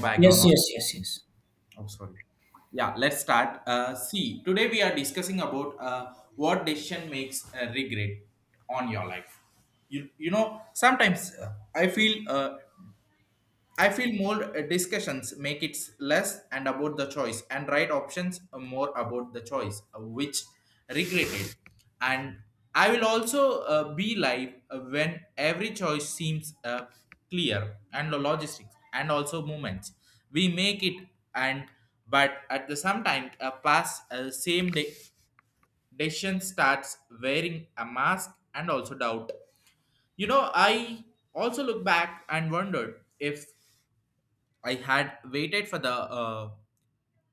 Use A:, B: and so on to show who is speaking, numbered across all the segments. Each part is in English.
A: Background
B: Yes,
A: noise.
B: yes, yes, yes.
A: Oh, sorry. Yeah, let's start. See, today we are discussing about what decision makes regret on your life. You know, sometimes I feel more discussions make it less and about the choice and right options more about the choice which regretted, and I will also be live when every choice seems clear, and the logistics and also movements we make it. And but at the same time pass same day decision starts wearing a mask and also doubt, you know. I also look back and wondered if I had waited for the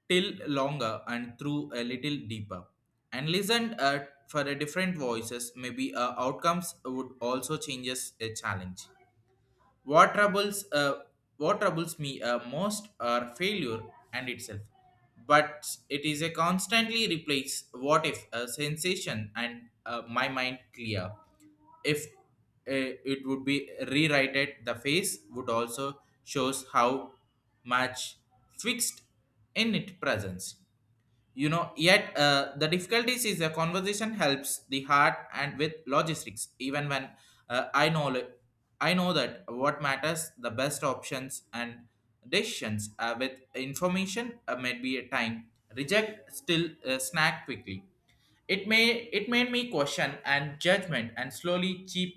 A: till longer and through a little deeper, and listened for a different voices. Maybe outcomes would also changes a challenge. What troubles, uh, what troubles me most are failure and itself, but it is a constantly replace what if a sensation, and my mind clear. If it would be rewritten, the face would also shows how much fixed in it presence, you know. Yet the difficulties is a conversation helps the heart and with logistics even when uh, i know li- I know that what matters the best options and decisions with information might be a time reject still snack quickly. It may it made me question and judgment and slowly chip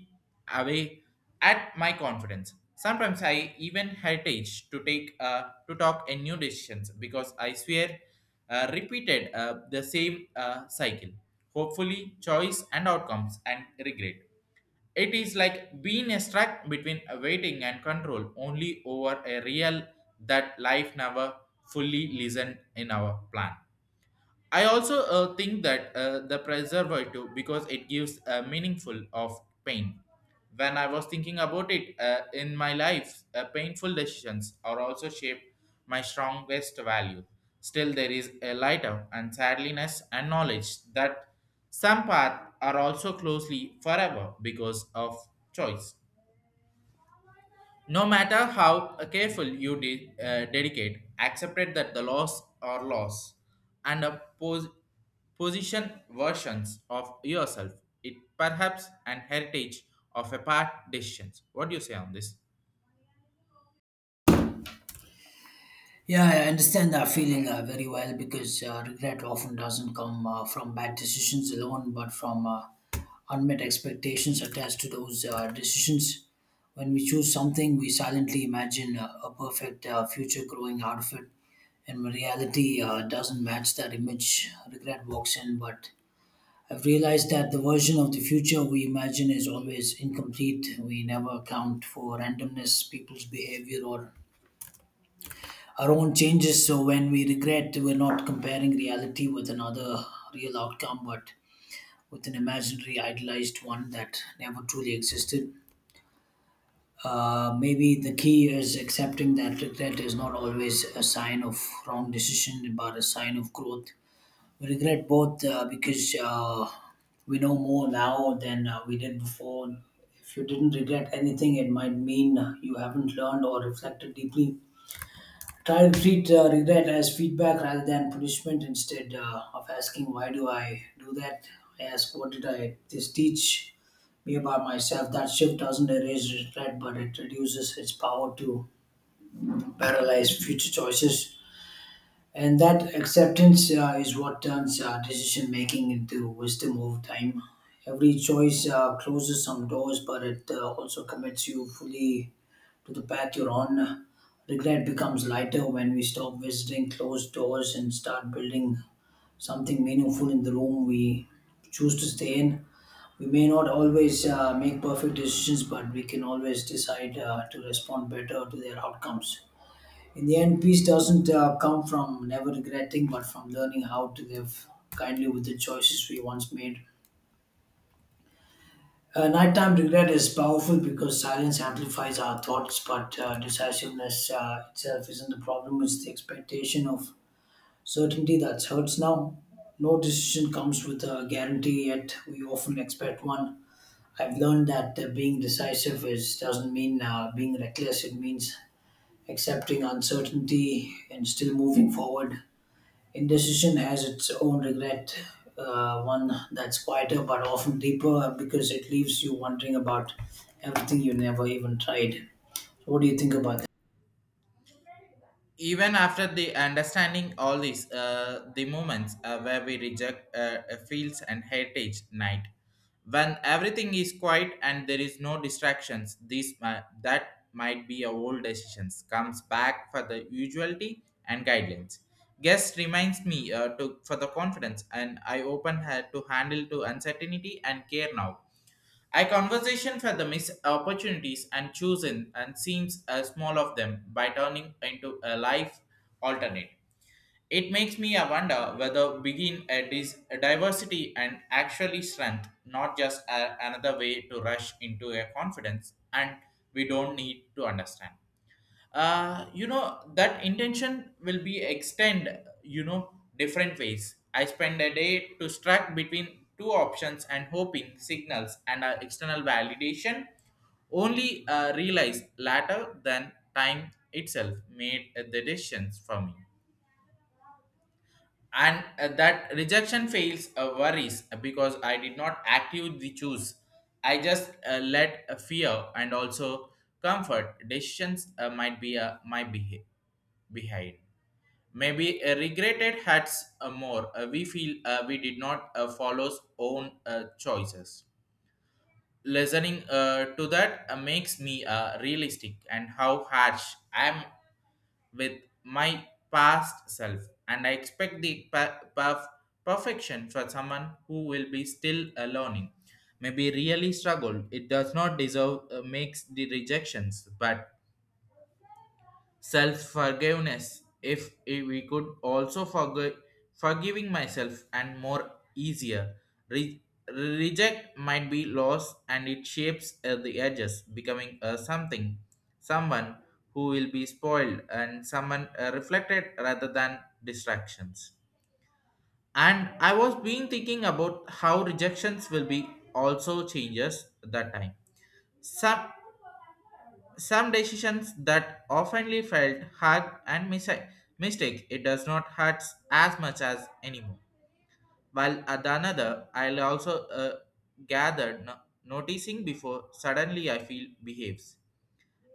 A: away at my confidence. Sometimes I even heritage to take to talk in new decisions because I swear repeated the same cycle. Hopefully, choice and outcomes and regret. It is like being a stuck between waiting and control only over a real that life never fully listened in our plan. I also think that the preservative because it gives a meaningful of pain. When I was thinking about it in my life, painful decisions are also shaped my strongest value. Still, there is a lighter and sadliness and knowledge that some paths are also closely forever because of choice. No matter how careful you dedicate, accepted that the loss are loss and a position versions of yourself. It perhaps an heritage of a part decisions. What do you say on this?
B: Yeah, I understand that feeling very well because regret often doesn't come from bad decisions alone, but from unmet expectations attached to those decisions. When we choose something, we silently imagine a perfect future growing out of it, and when reality doesn't match that image, regret walks in. But I've realized that the version of the future we imagine is always incomplete. We never account for randomness, people's behavior, or our own changes. So when we regret, we're not comparing reality with another real outcome, but with an imaginary, idealized one that never truly existed. Maybe the key is accepting that regret is not always a sign of wrong decision, but a sign of growth. We regret both because we know more now than we did before. If you didn't regret anything, it might mean you haven't learned or reflected deeply. Try to treat regret as feedback rather than punishment. Instead of asking, why do I do that? I ask, what did I this teach me about myself? That shift doesn't erase regret, but it reduces its power to paralyze future choices. And that acceptance is what turns decision making into wisdom over time. Every choice closes some doors, but it also commits you fully to the path you're on. Regret becomes lighter when we stop visiting closed doors and start building something meaningful in the room we choose to stay in. We may not always make perfect decisions, but we can always decide to respond better to their outcomes. In the end, peace doesn't come from never regretting, but from learning how to live kindly with the choices we once made. Nighttime regret is powerful because silence amplifies our thoughts, but decisiveness itself isn't the problem, it's the expectation of certainty that hurts now. No decision comes with a guarantee, yet we often expect one. I've learned that being decisive is doesn't mean being reckless. It means accepting uncertainty and still moving forward. Indecision has its own regret, one that's quieter but often deeper because it leaves you wondering about everything you never even tried. What do you think about
A: Even after the understanding all these the moments where we reject fields and heritage night when everything is quiet and there is no distractions that might be a old decisions comes back for the usuality and guidelines guest reminds me to for the confidence and I open her to handle to uncertainty and care now. I conversation for the missed opportunities and chosen and seems a small of them by turning into a life alternate. It makes me a wonder whether begin a diversity and actually strength, not just another way to rush into a confidence, and we don't need to understand. You know that intention will be extend, you know, different ways I spend a day to struck between two options and hoping signals and external validation only realized later than time itself made the decisions for me, and that rejection fails worries because I did not actively choose. I just let fear and also comfort decisions might be my behind. Maybe regretted hurts more. We feel we did not follow own choices. Listening to that makes me realistic and how harsh I am with my past self, and I expect the perfection for someone who will be still a learning. Maybe really struggled it does not deserve makes the rejections, but self forgiveness if we could also forgive forgiving myself and more easier. Re- Reject might be loss, and it shapes at the edges becoming a something, someone who will be spoiled and someone reflected rather than distractions. And I was being thinking about how rejections will be also changes that time. some some decisions that oftenly felt hard and mistake, it does not hurt as much as anymore. While at the another, I'll also gathered no- noticing before suddenly I feel behaves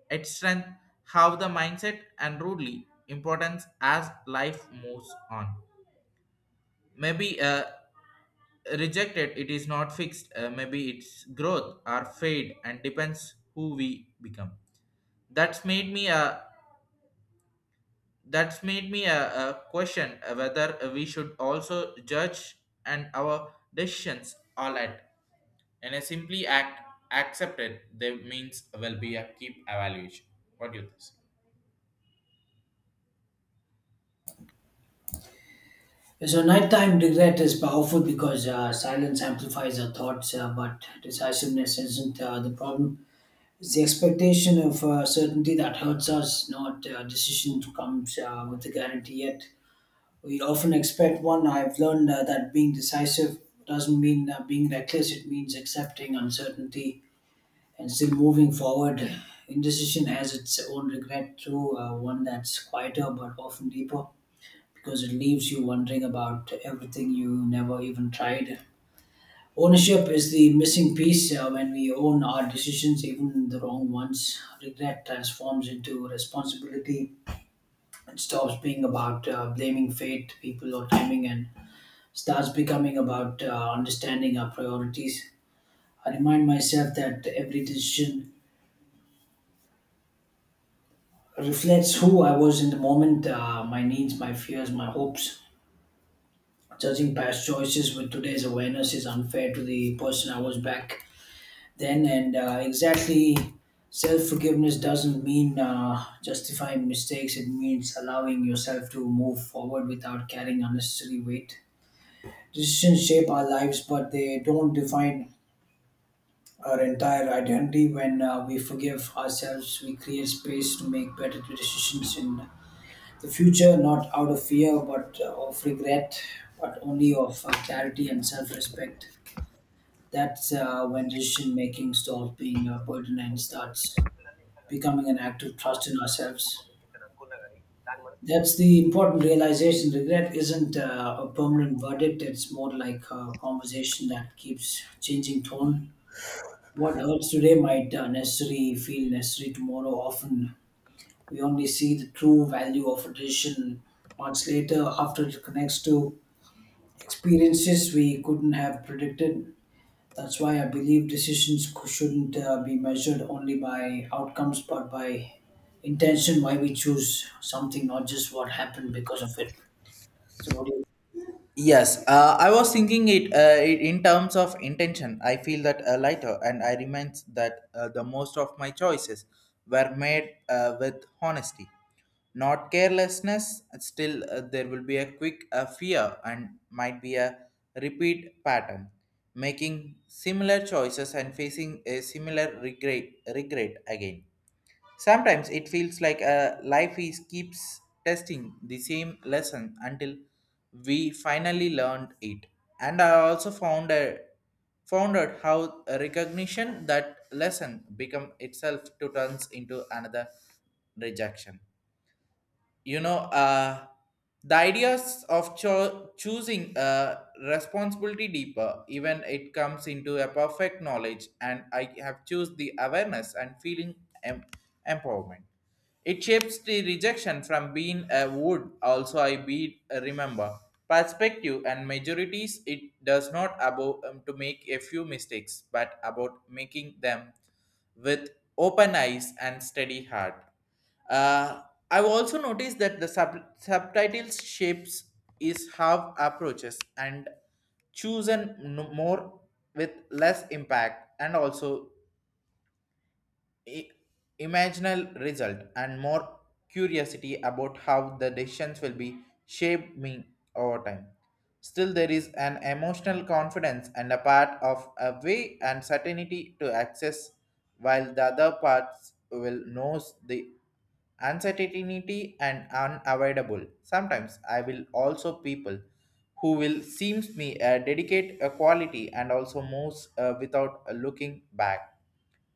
A: its strength, how the mindset and rudely importance as life moves on. Maybe rejected, it is not fixed. Maybe its growth or fade and depends who we become. That's made me uh, that's made me a question whether we should also judge and our decisions all at and a simply act accepted they means will be a keep evaluation. What do you think?
B: that? So, nighttime regret is powerful because silence amplifies our thoughts, but decisiveness isn't the problem. It's the expectation of certainty that hurts us, not decision comes with a guarantee yet. We often expect one. I've learned that being decisive doesn't mean being reckless, it means accepting uncertainty and still moving forward. Indecision has its own regret, too, one that's quieter but often deeper because it leaves you wondering about everything you never even tried. Ownership is the missing piece when we own our decisions, even the wrong ones. Regret transforms into responsibility. It stops being about blaming fate, people, or timing and starts becoming about understanding our priorities. I remind myself that every decision reflects who I was in the moment, my needs, my fears, my hopes. Judging past choices with today's awareness is unfair to the person I was back then, and exactly. Self forgiveness doesn't mean justifying mistakes, it means allowing yourself to move forward without carrying unnecessary weight. Decisions shape our lives, but they don't define our entire identity. When we forgive ourselves, we create space to make better decisions in the future, not out of fear, but of regret, but only of clarity and self respect. That's when decision making stops being a burden and starts becoming an act of trust in ourselves. That's the important realization. Regret isn't a permanent verdict, it's more like a conversation that keeps changing tone. What hurts today might necessarily feel necessary tomorrow. Often we only see the true value of a tradition months later after it connects to experiences we couldn't have predicted. That's why I believe decisions shouldn't be measured only by outcomes but by intention, why we choose something, not just what happened because of it. So, what do you
A: Yes, I was thinking it in terms of intention. I feel that lighter, and I remind that the most of my choices were made with honesty, not carelessness. Still, there will be a quick fear and might be a repeat pattern, making similar choices and facing a similar regret again. Sometimes it feels like a life is keeps testing the same lesson until we finally learned it. And I also found out how a recognition that lesson become itself to turns into another rejection, you know. The ideas of choosing a responsibility deeper even it comes into a perfect knowledge, and I have choose the awareness and feeling em- empowerment. It shapes the rejection from being a wood also I be a remember perspective and majorities. It does not about to make a few mistakes, but about making them with open eyes and steady heart. uh, I've also noticed that the subtitles shapes is how approaches and chosen more with less impact and also i- imaginal result and more curiosity about how the decisions will be shaped me over time. Still, there is an emotional confidence and a part of a way and certainty to access, while the other parts will knows the uncertainty and unavoidable. Sometimes I will also people who will seems me dedicate a quality and also moves without looking back,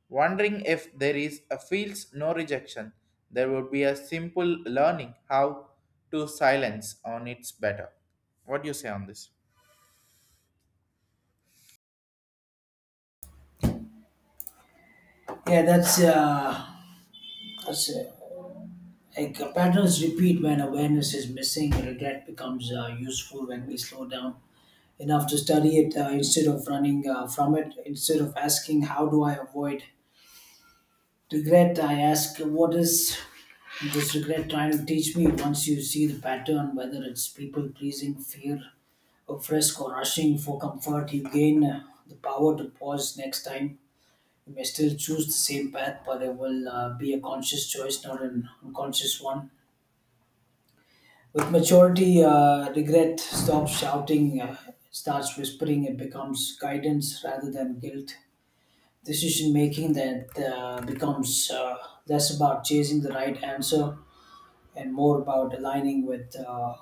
A: wondering if there is a feels no rejection, there would be a simple learning how to silence on its better. What do you say on this?
B: Yeah, that's like patterns repeat when awareness is missing. Regret becomes useful when we slow down enough to study it instead of running from it. Instead of asking how do I avoid regret, I ask what is this regret trying to teach me? Once you see the pattern, whether it's people pleasing, fear of risk or rushing for comfort, you gain the power to pause next time. You may still choose the same path but it will be a conscious choice not an unconscious one. With maturity regret stops shouting, starts whispering. It becomes guidance rather than guilt. Decision making that becomes less about chasing the right answer and more about aligning with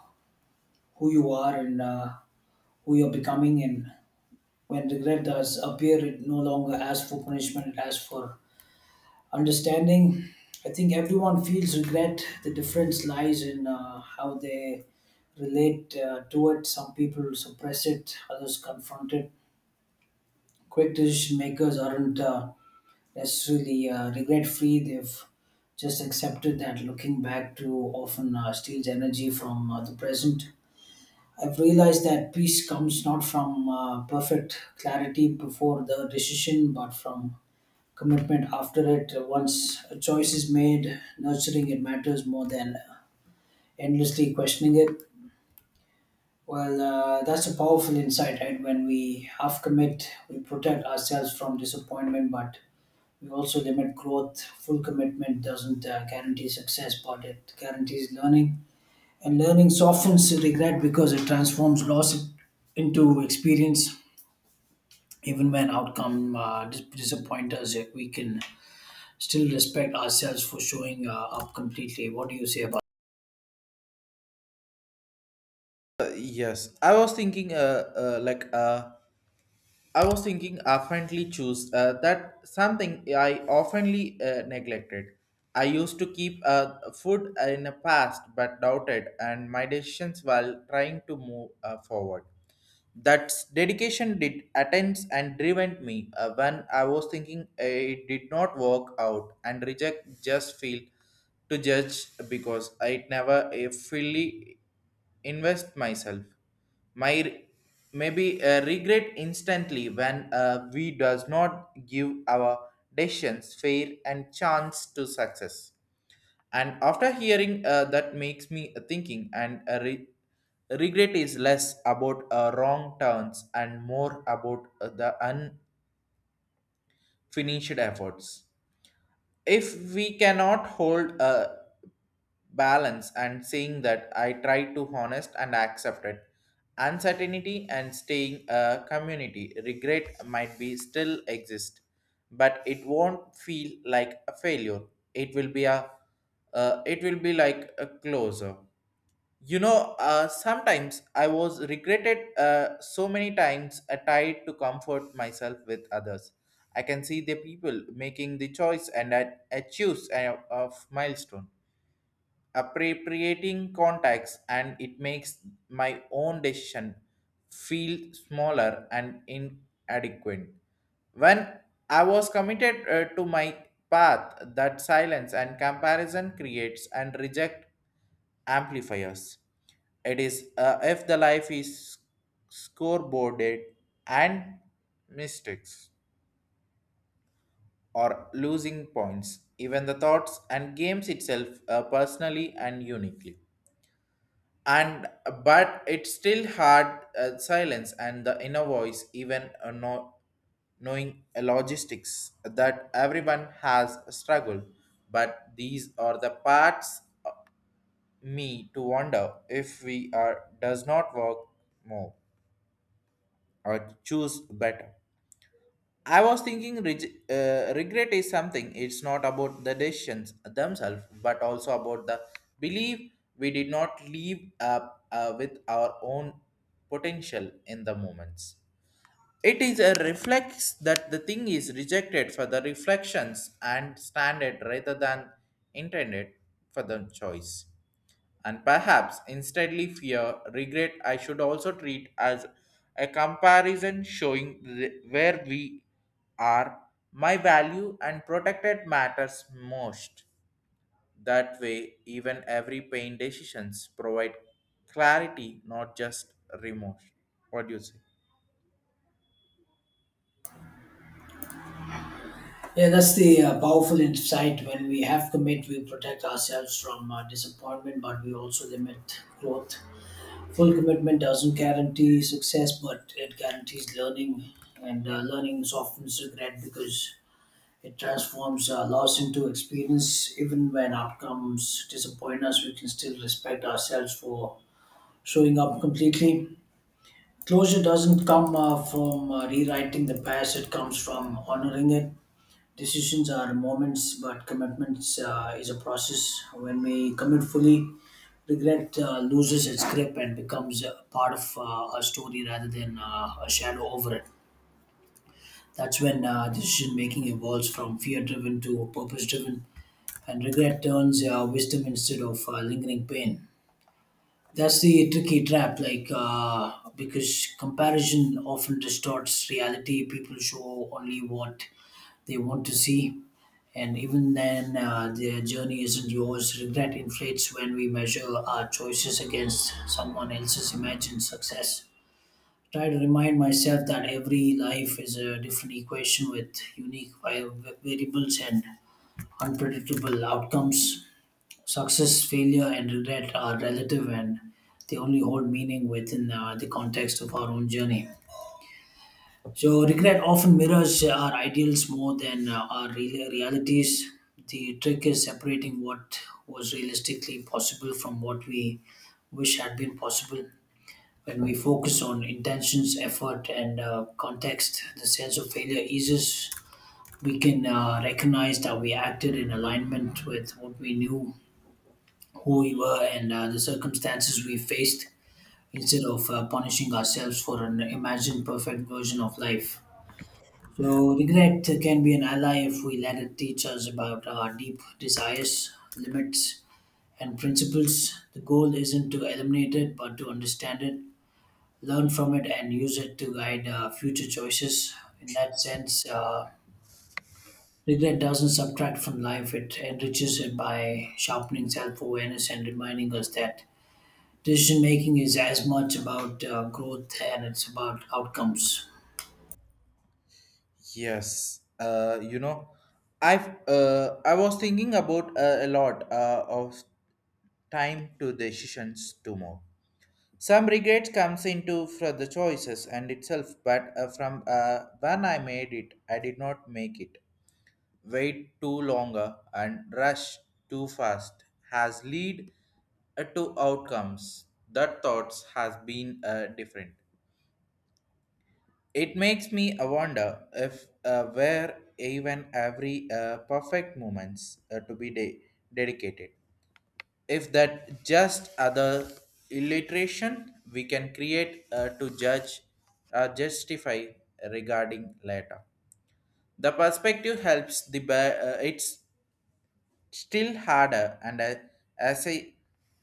B: who you are and who you're becoming. And when regret does appear, it no longer asks for punishment, it asks for understanding. I think everyone feels regret. The difference lies in how they relate to it. Some people suppress it, others confront it. Quick decision makers aren't. That's really regret free. They've just accepted that looking back too often steals energy from the present. I've realized that peace comes not from perfect clarity before the decision, but from commitment after it. Once a choice is made, nurturing it matters more than endlessly questioning it. Well, that's a powerful insight, right? When we half commit, we protect ourselves from disappointment, but we also limit growth. Full commitment doesn't guarantee success, but it guarantees learning. And learning softens regret because it transforms loss into experience. Even when outcome disappoint us, we can still respect ourselves for showing up completely. What do you say about?
A: Yes, I was thinking, like, I was thinking, oftenly choose that something I oftenly neglected. I used to keep food in the past, but doubted, and my decisions while trying to move forward. That dedication did attends and driven me when I was thinking it did not work out and reject just feel to judge because I never fully invest myself. My re- Maybe regret instantly when we does not give our decisions fair and chance to success. And after hearing that makes me thinking, and regret is less about wrong turns and more about the unfinished efforts. If we cannot hold a balance and saying that I try to honest and accept it uncertainty and staying a community, regret might be still exist, but it won't feel like a failure. It will be a it will be like a closer. You know, sometimes I was regretted so many times tried to comfort myself with others. I can see the people making the choice, and I choose a, of milestone appropriating contacts, and it makes my own decision feel smaller and inadequate. When I was committed to my path, that silence and comparison creates and reject amplifiers. It is if the life is scoreboarded and mistakes or losing points even the thoughts and games itself personally and uniquely. And but it's still hard silence and the inner voice even no, knowing logistics that everyone has a struggle. But these are the parts me to wonder if we are does not work more or choose better. I was thinking regret is something. It's not about the decisions themselves, but also about the belief we did not live up with our own potential in the moments. It is a reflex that the thing is rejected for the reflections and standard rather than intended for the choice, and perhaps instantly fear, regret I should also treat as a comparison showing where we are, my value and protected matters most. That way, even every pain decisions provide clarity, not just remorse. What do you say?
B: Yeah, that's the powerful insight. When we have commit, we protect ourselves from disappointment, but we also limit growth. Full commitment doesn't guarantee success, but it guarantees learning, and learning softens regret because it transforms loss into experience. Even when outcomes disappoint us, we can still respect ourselves for showing up completely. Closure doesn't come from rewriting the past, it comes from honoring it. Decisions are moments, but commitments is a process. When we commit fully, regret loses its grip and becomes a part of a story rather than a shadow over it. That's when decision making evolves from fear driven to purpose driven, and regret turns wisdom instead of lingering pain. That's the tricky trap, because comparison often distorts reality. People show only what they want to see, and even then, their journey isn't yours. Regret inflates when we measure our choices against someone else's imagined success. Try to remind myself that every life is a different equation with unique variables and unpredictable outcomes. Success, failure, and regret are relative and they only hold meaning within the context of our own journey. So regret often mirrors our ideals more than our real realities. The trick is separating what was realistically possible from what we wish had been possible. When we focus on intentions, effort, and context, the sense of failure eases. We can recognize that we acted in alignment with what we knew, who we were, and the circumstances we faced, instead of punishing ourselves for an imagined perfect version of life. So, regret can be an ally if we let it teach us about our deep desires, limits, and principles. The goal isn't to eliminate it, but to understand it, learn from it, and use it to guide our future choices. In that sense, regret doesn't subtract from life, it enriches it by sharpening self awareness and reminding us that decision making is as much about growth and it's about outcomes.
A: Yes, you know, I was thinking about a lot of time to decisions tomorrow. Some regrets comes into for the choices and itself, but from when I made it, I did not make it. Wait too longer and rush too fast has lead to outcomes that thoughts has been different. It makes me wonder if where even every perfect moments to dedicated if that just other illiteration we can create to judge justify regarding later the perspective helps it's still harder and as a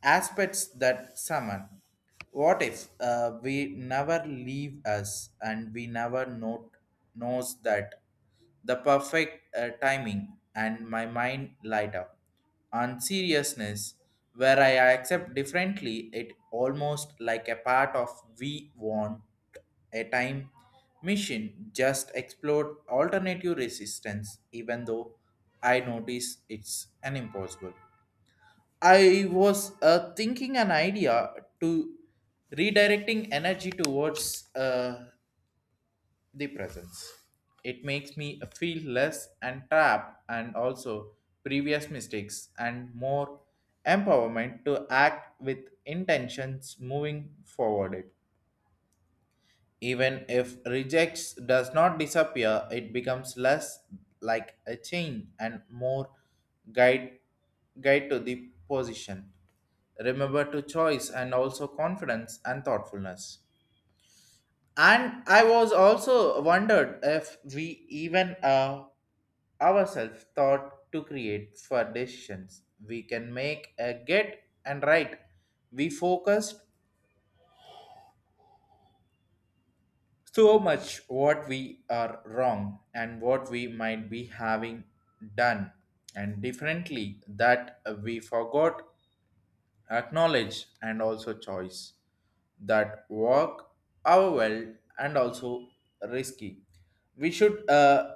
A: aspects that summon. What if we never leave us and we never knows that the perfect timing and my mind light up on seriousness where I accept differently it almost like a part of we want a time machine just explored alternative resistance, even though I notice it's an impossible. I was thinking an idea to redirecting energy towards the presence. It makes me feel less and trapped, and also previous mistakes and more empowerment to act with intentions moving forward. Even if rejects does not disappear, it becomes less like a chain and more guide guide to the position. Remember to choice and also confidence and thoughtfulness. And I was also wondered if we even ourselves thought to create for decisions we can make a get and right. We focused so much what we are wrong and what we might be having done and differently that we forgot acknowledge and also choice that work our well and also risky we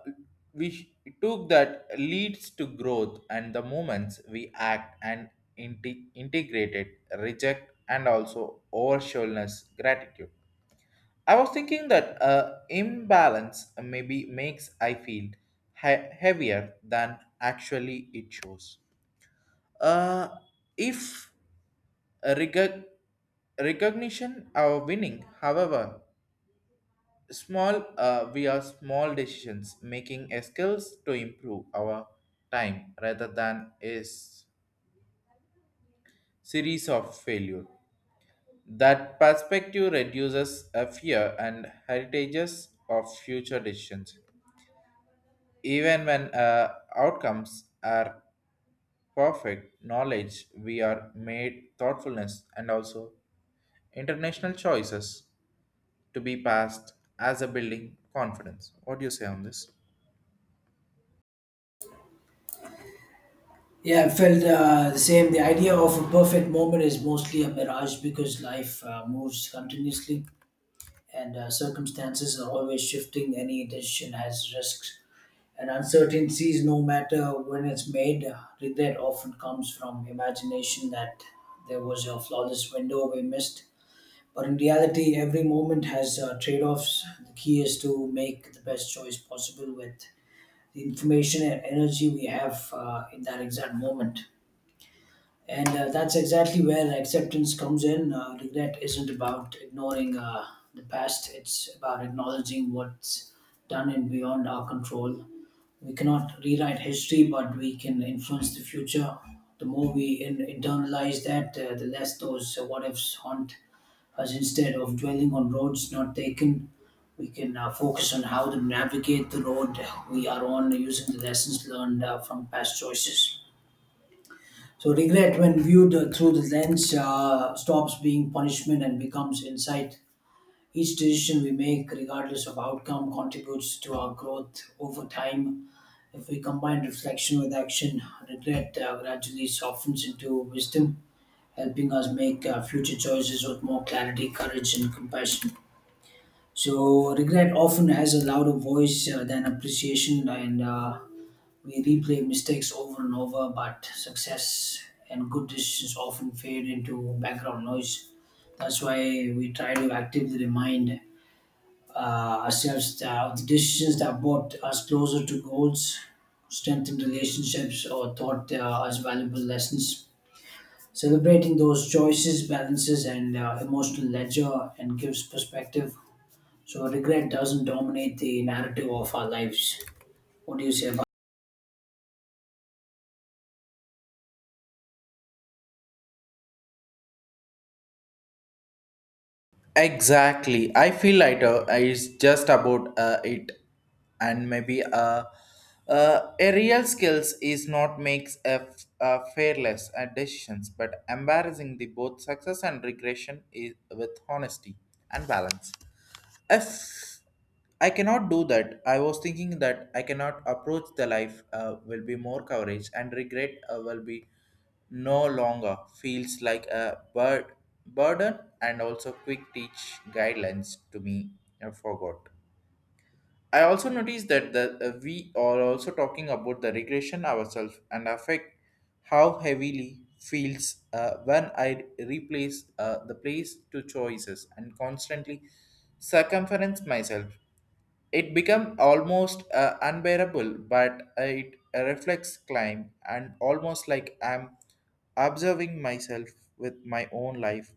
A: we sh- took that leads to growth and the moments we act and integrated reject and also overshoulness gratitude I was thinking that imbalance maybe makes I feel heavier than actually it shows. Uh, if reg- recognition our winning, however, small we are small decisions making a skills to improve our time rather than series of failure. That perspective reduces a fear and heritages of future decisions. Even when outcomes are perfect, knowledge we are made thoughtfulness and also international choices to be passed as a building confidence. What do you say on this?
B: Yeah, I felt the same. The idea of a perfect moment is mostly a mirage because life moves continuously and circumstances are always shifting. Any decision has risks and uncertainties, no matter when it's made. Regret often comes from imagination that there was a flawless window we missed. But in reality, every moment has trade offs. The key is to make the best choice possible with the information and energy we have in that exact moment. And that's exactly where acceptance comes in. Regret isn't about ignoring the past, it's about acknowledging what's done and beyond our control. We cannot rewrite history, but we can influence the future. The more we internalize that, the less those what ifs haunt us. Instead of dwelling on roads not taken, we can focus on how to navigate the road we are on using the lessons learned from past choices. So regret, when viewed through the lens, stops being punishment and becomes insight. Each decision we make, regardless of outcome, contributes to our growth over time. If we combine reflection with action, regret gradually softens into wisdom, helping us make future choices with more clarity, courage, and compassion. So regret often has a louder voice than appreciation, and we replay mistakes over and over, but success and good decisions often fade into background noise. That's why we try to actively remind ourselves that of the decisions that brought us closer to goals, strengthened relationships, or taught us valuable lessons. Celebrating those choices, balances, and emotional ledger and gives perspective. So regret doesn't dominate the narrative of our lives. What do you say about?
A: Exactly. I feel lighter is just about it, and maybe a real skills is not makes a fearless at decisions, but embarrassing the both success and regression is with honesty and balance. If I cannot do that, I was thinking that I cannot approach the life will be more coverage and regret will be no longer feels like burden and also quick teach guidelines to me I forgot. I also noticed that we are also talking about the regression ourselves and affect how heavily feels when I replace the place to choices and constantly circumference myself. It become almost unbearable, but it reflects climb and almost like I'm observing myself with my own life.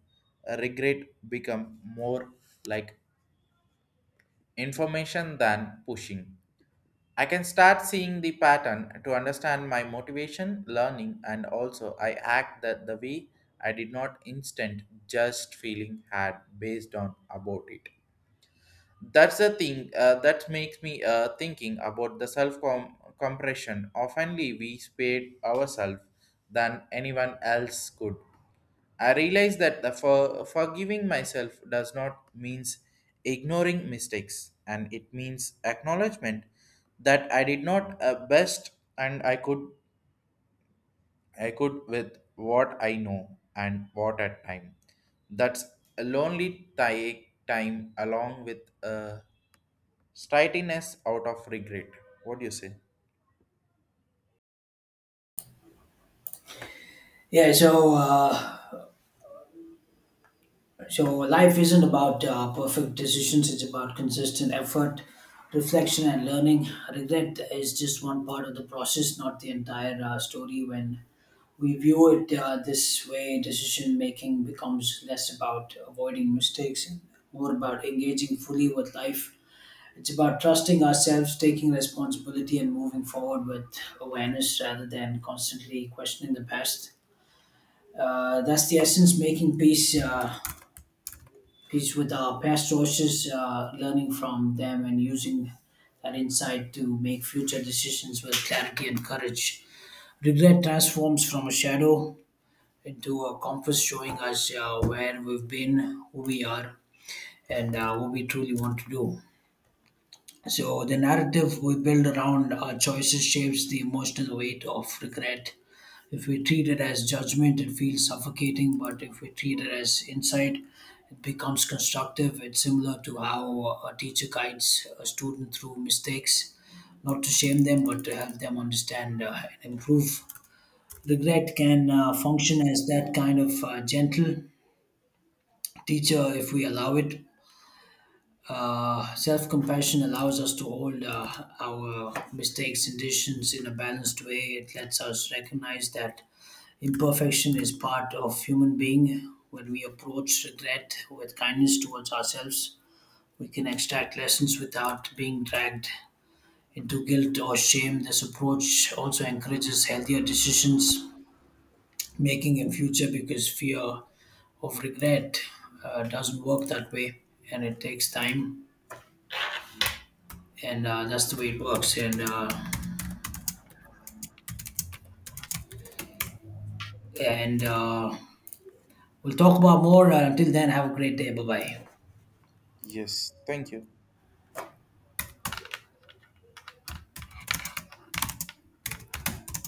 A: Regret become more like information than pushing. I can start seeing the pattern to understand my motivation, learning, and also I act that the way I did not instant just feeling had based on about it. That's the thing that makes me thinking about the self compression. Oftenly, we spare ourselves than anyone else could. I realize that forgiving myself does not means ignoring mistakes, and it means acknowledgement that I did not best, and I could with what I know and what at time. That's a lonely time along with a stateliness out of regret. What do you say?
B: Yeah, so life isn't about perfect decisions. It's about consistent effort, reflection, and learning. Regret is just one part of the process, not the entire story. When we view it this way, decision making becomes less about avoiding mistakes and more about engaging fully with life. It's about trusting ourselves, taking responsibility, and moving forward with awareness rather than constantly questioning the past. That's the essence. Making peace. Peace with our past choices, learning from them, and using that insight to make future decisions with clarity and courage. Regret transforms from a shadow into a compass showing us where we've been, who we are, and what we truly want to do. So, the narrative we build around our choices shapes the emotional weight of regret. If we treat it as judgment, it feels suffocating, but if we treat it as insight, it becomes constructive. It's similar to how a teacher guides a student through mistakes, not to shame them, but to help them understand and improve. Regret can function as that kind of gentle teacher if we allow it. Self compassion allows us to hold our mistakes and decisions in a balanced way. It lets us recognize that imperfection is part of human being. When we approach regret with kindness towards ourselves, we can extract lessons without being dragged into guilt or shame. This approach also encourages healthier decisions making in future because fear of regret doesn't work that way, and it takes time. And that's the way it works. And we'll talk about more. Until then, have a great day. Bye bye.
A: Yes, thank you.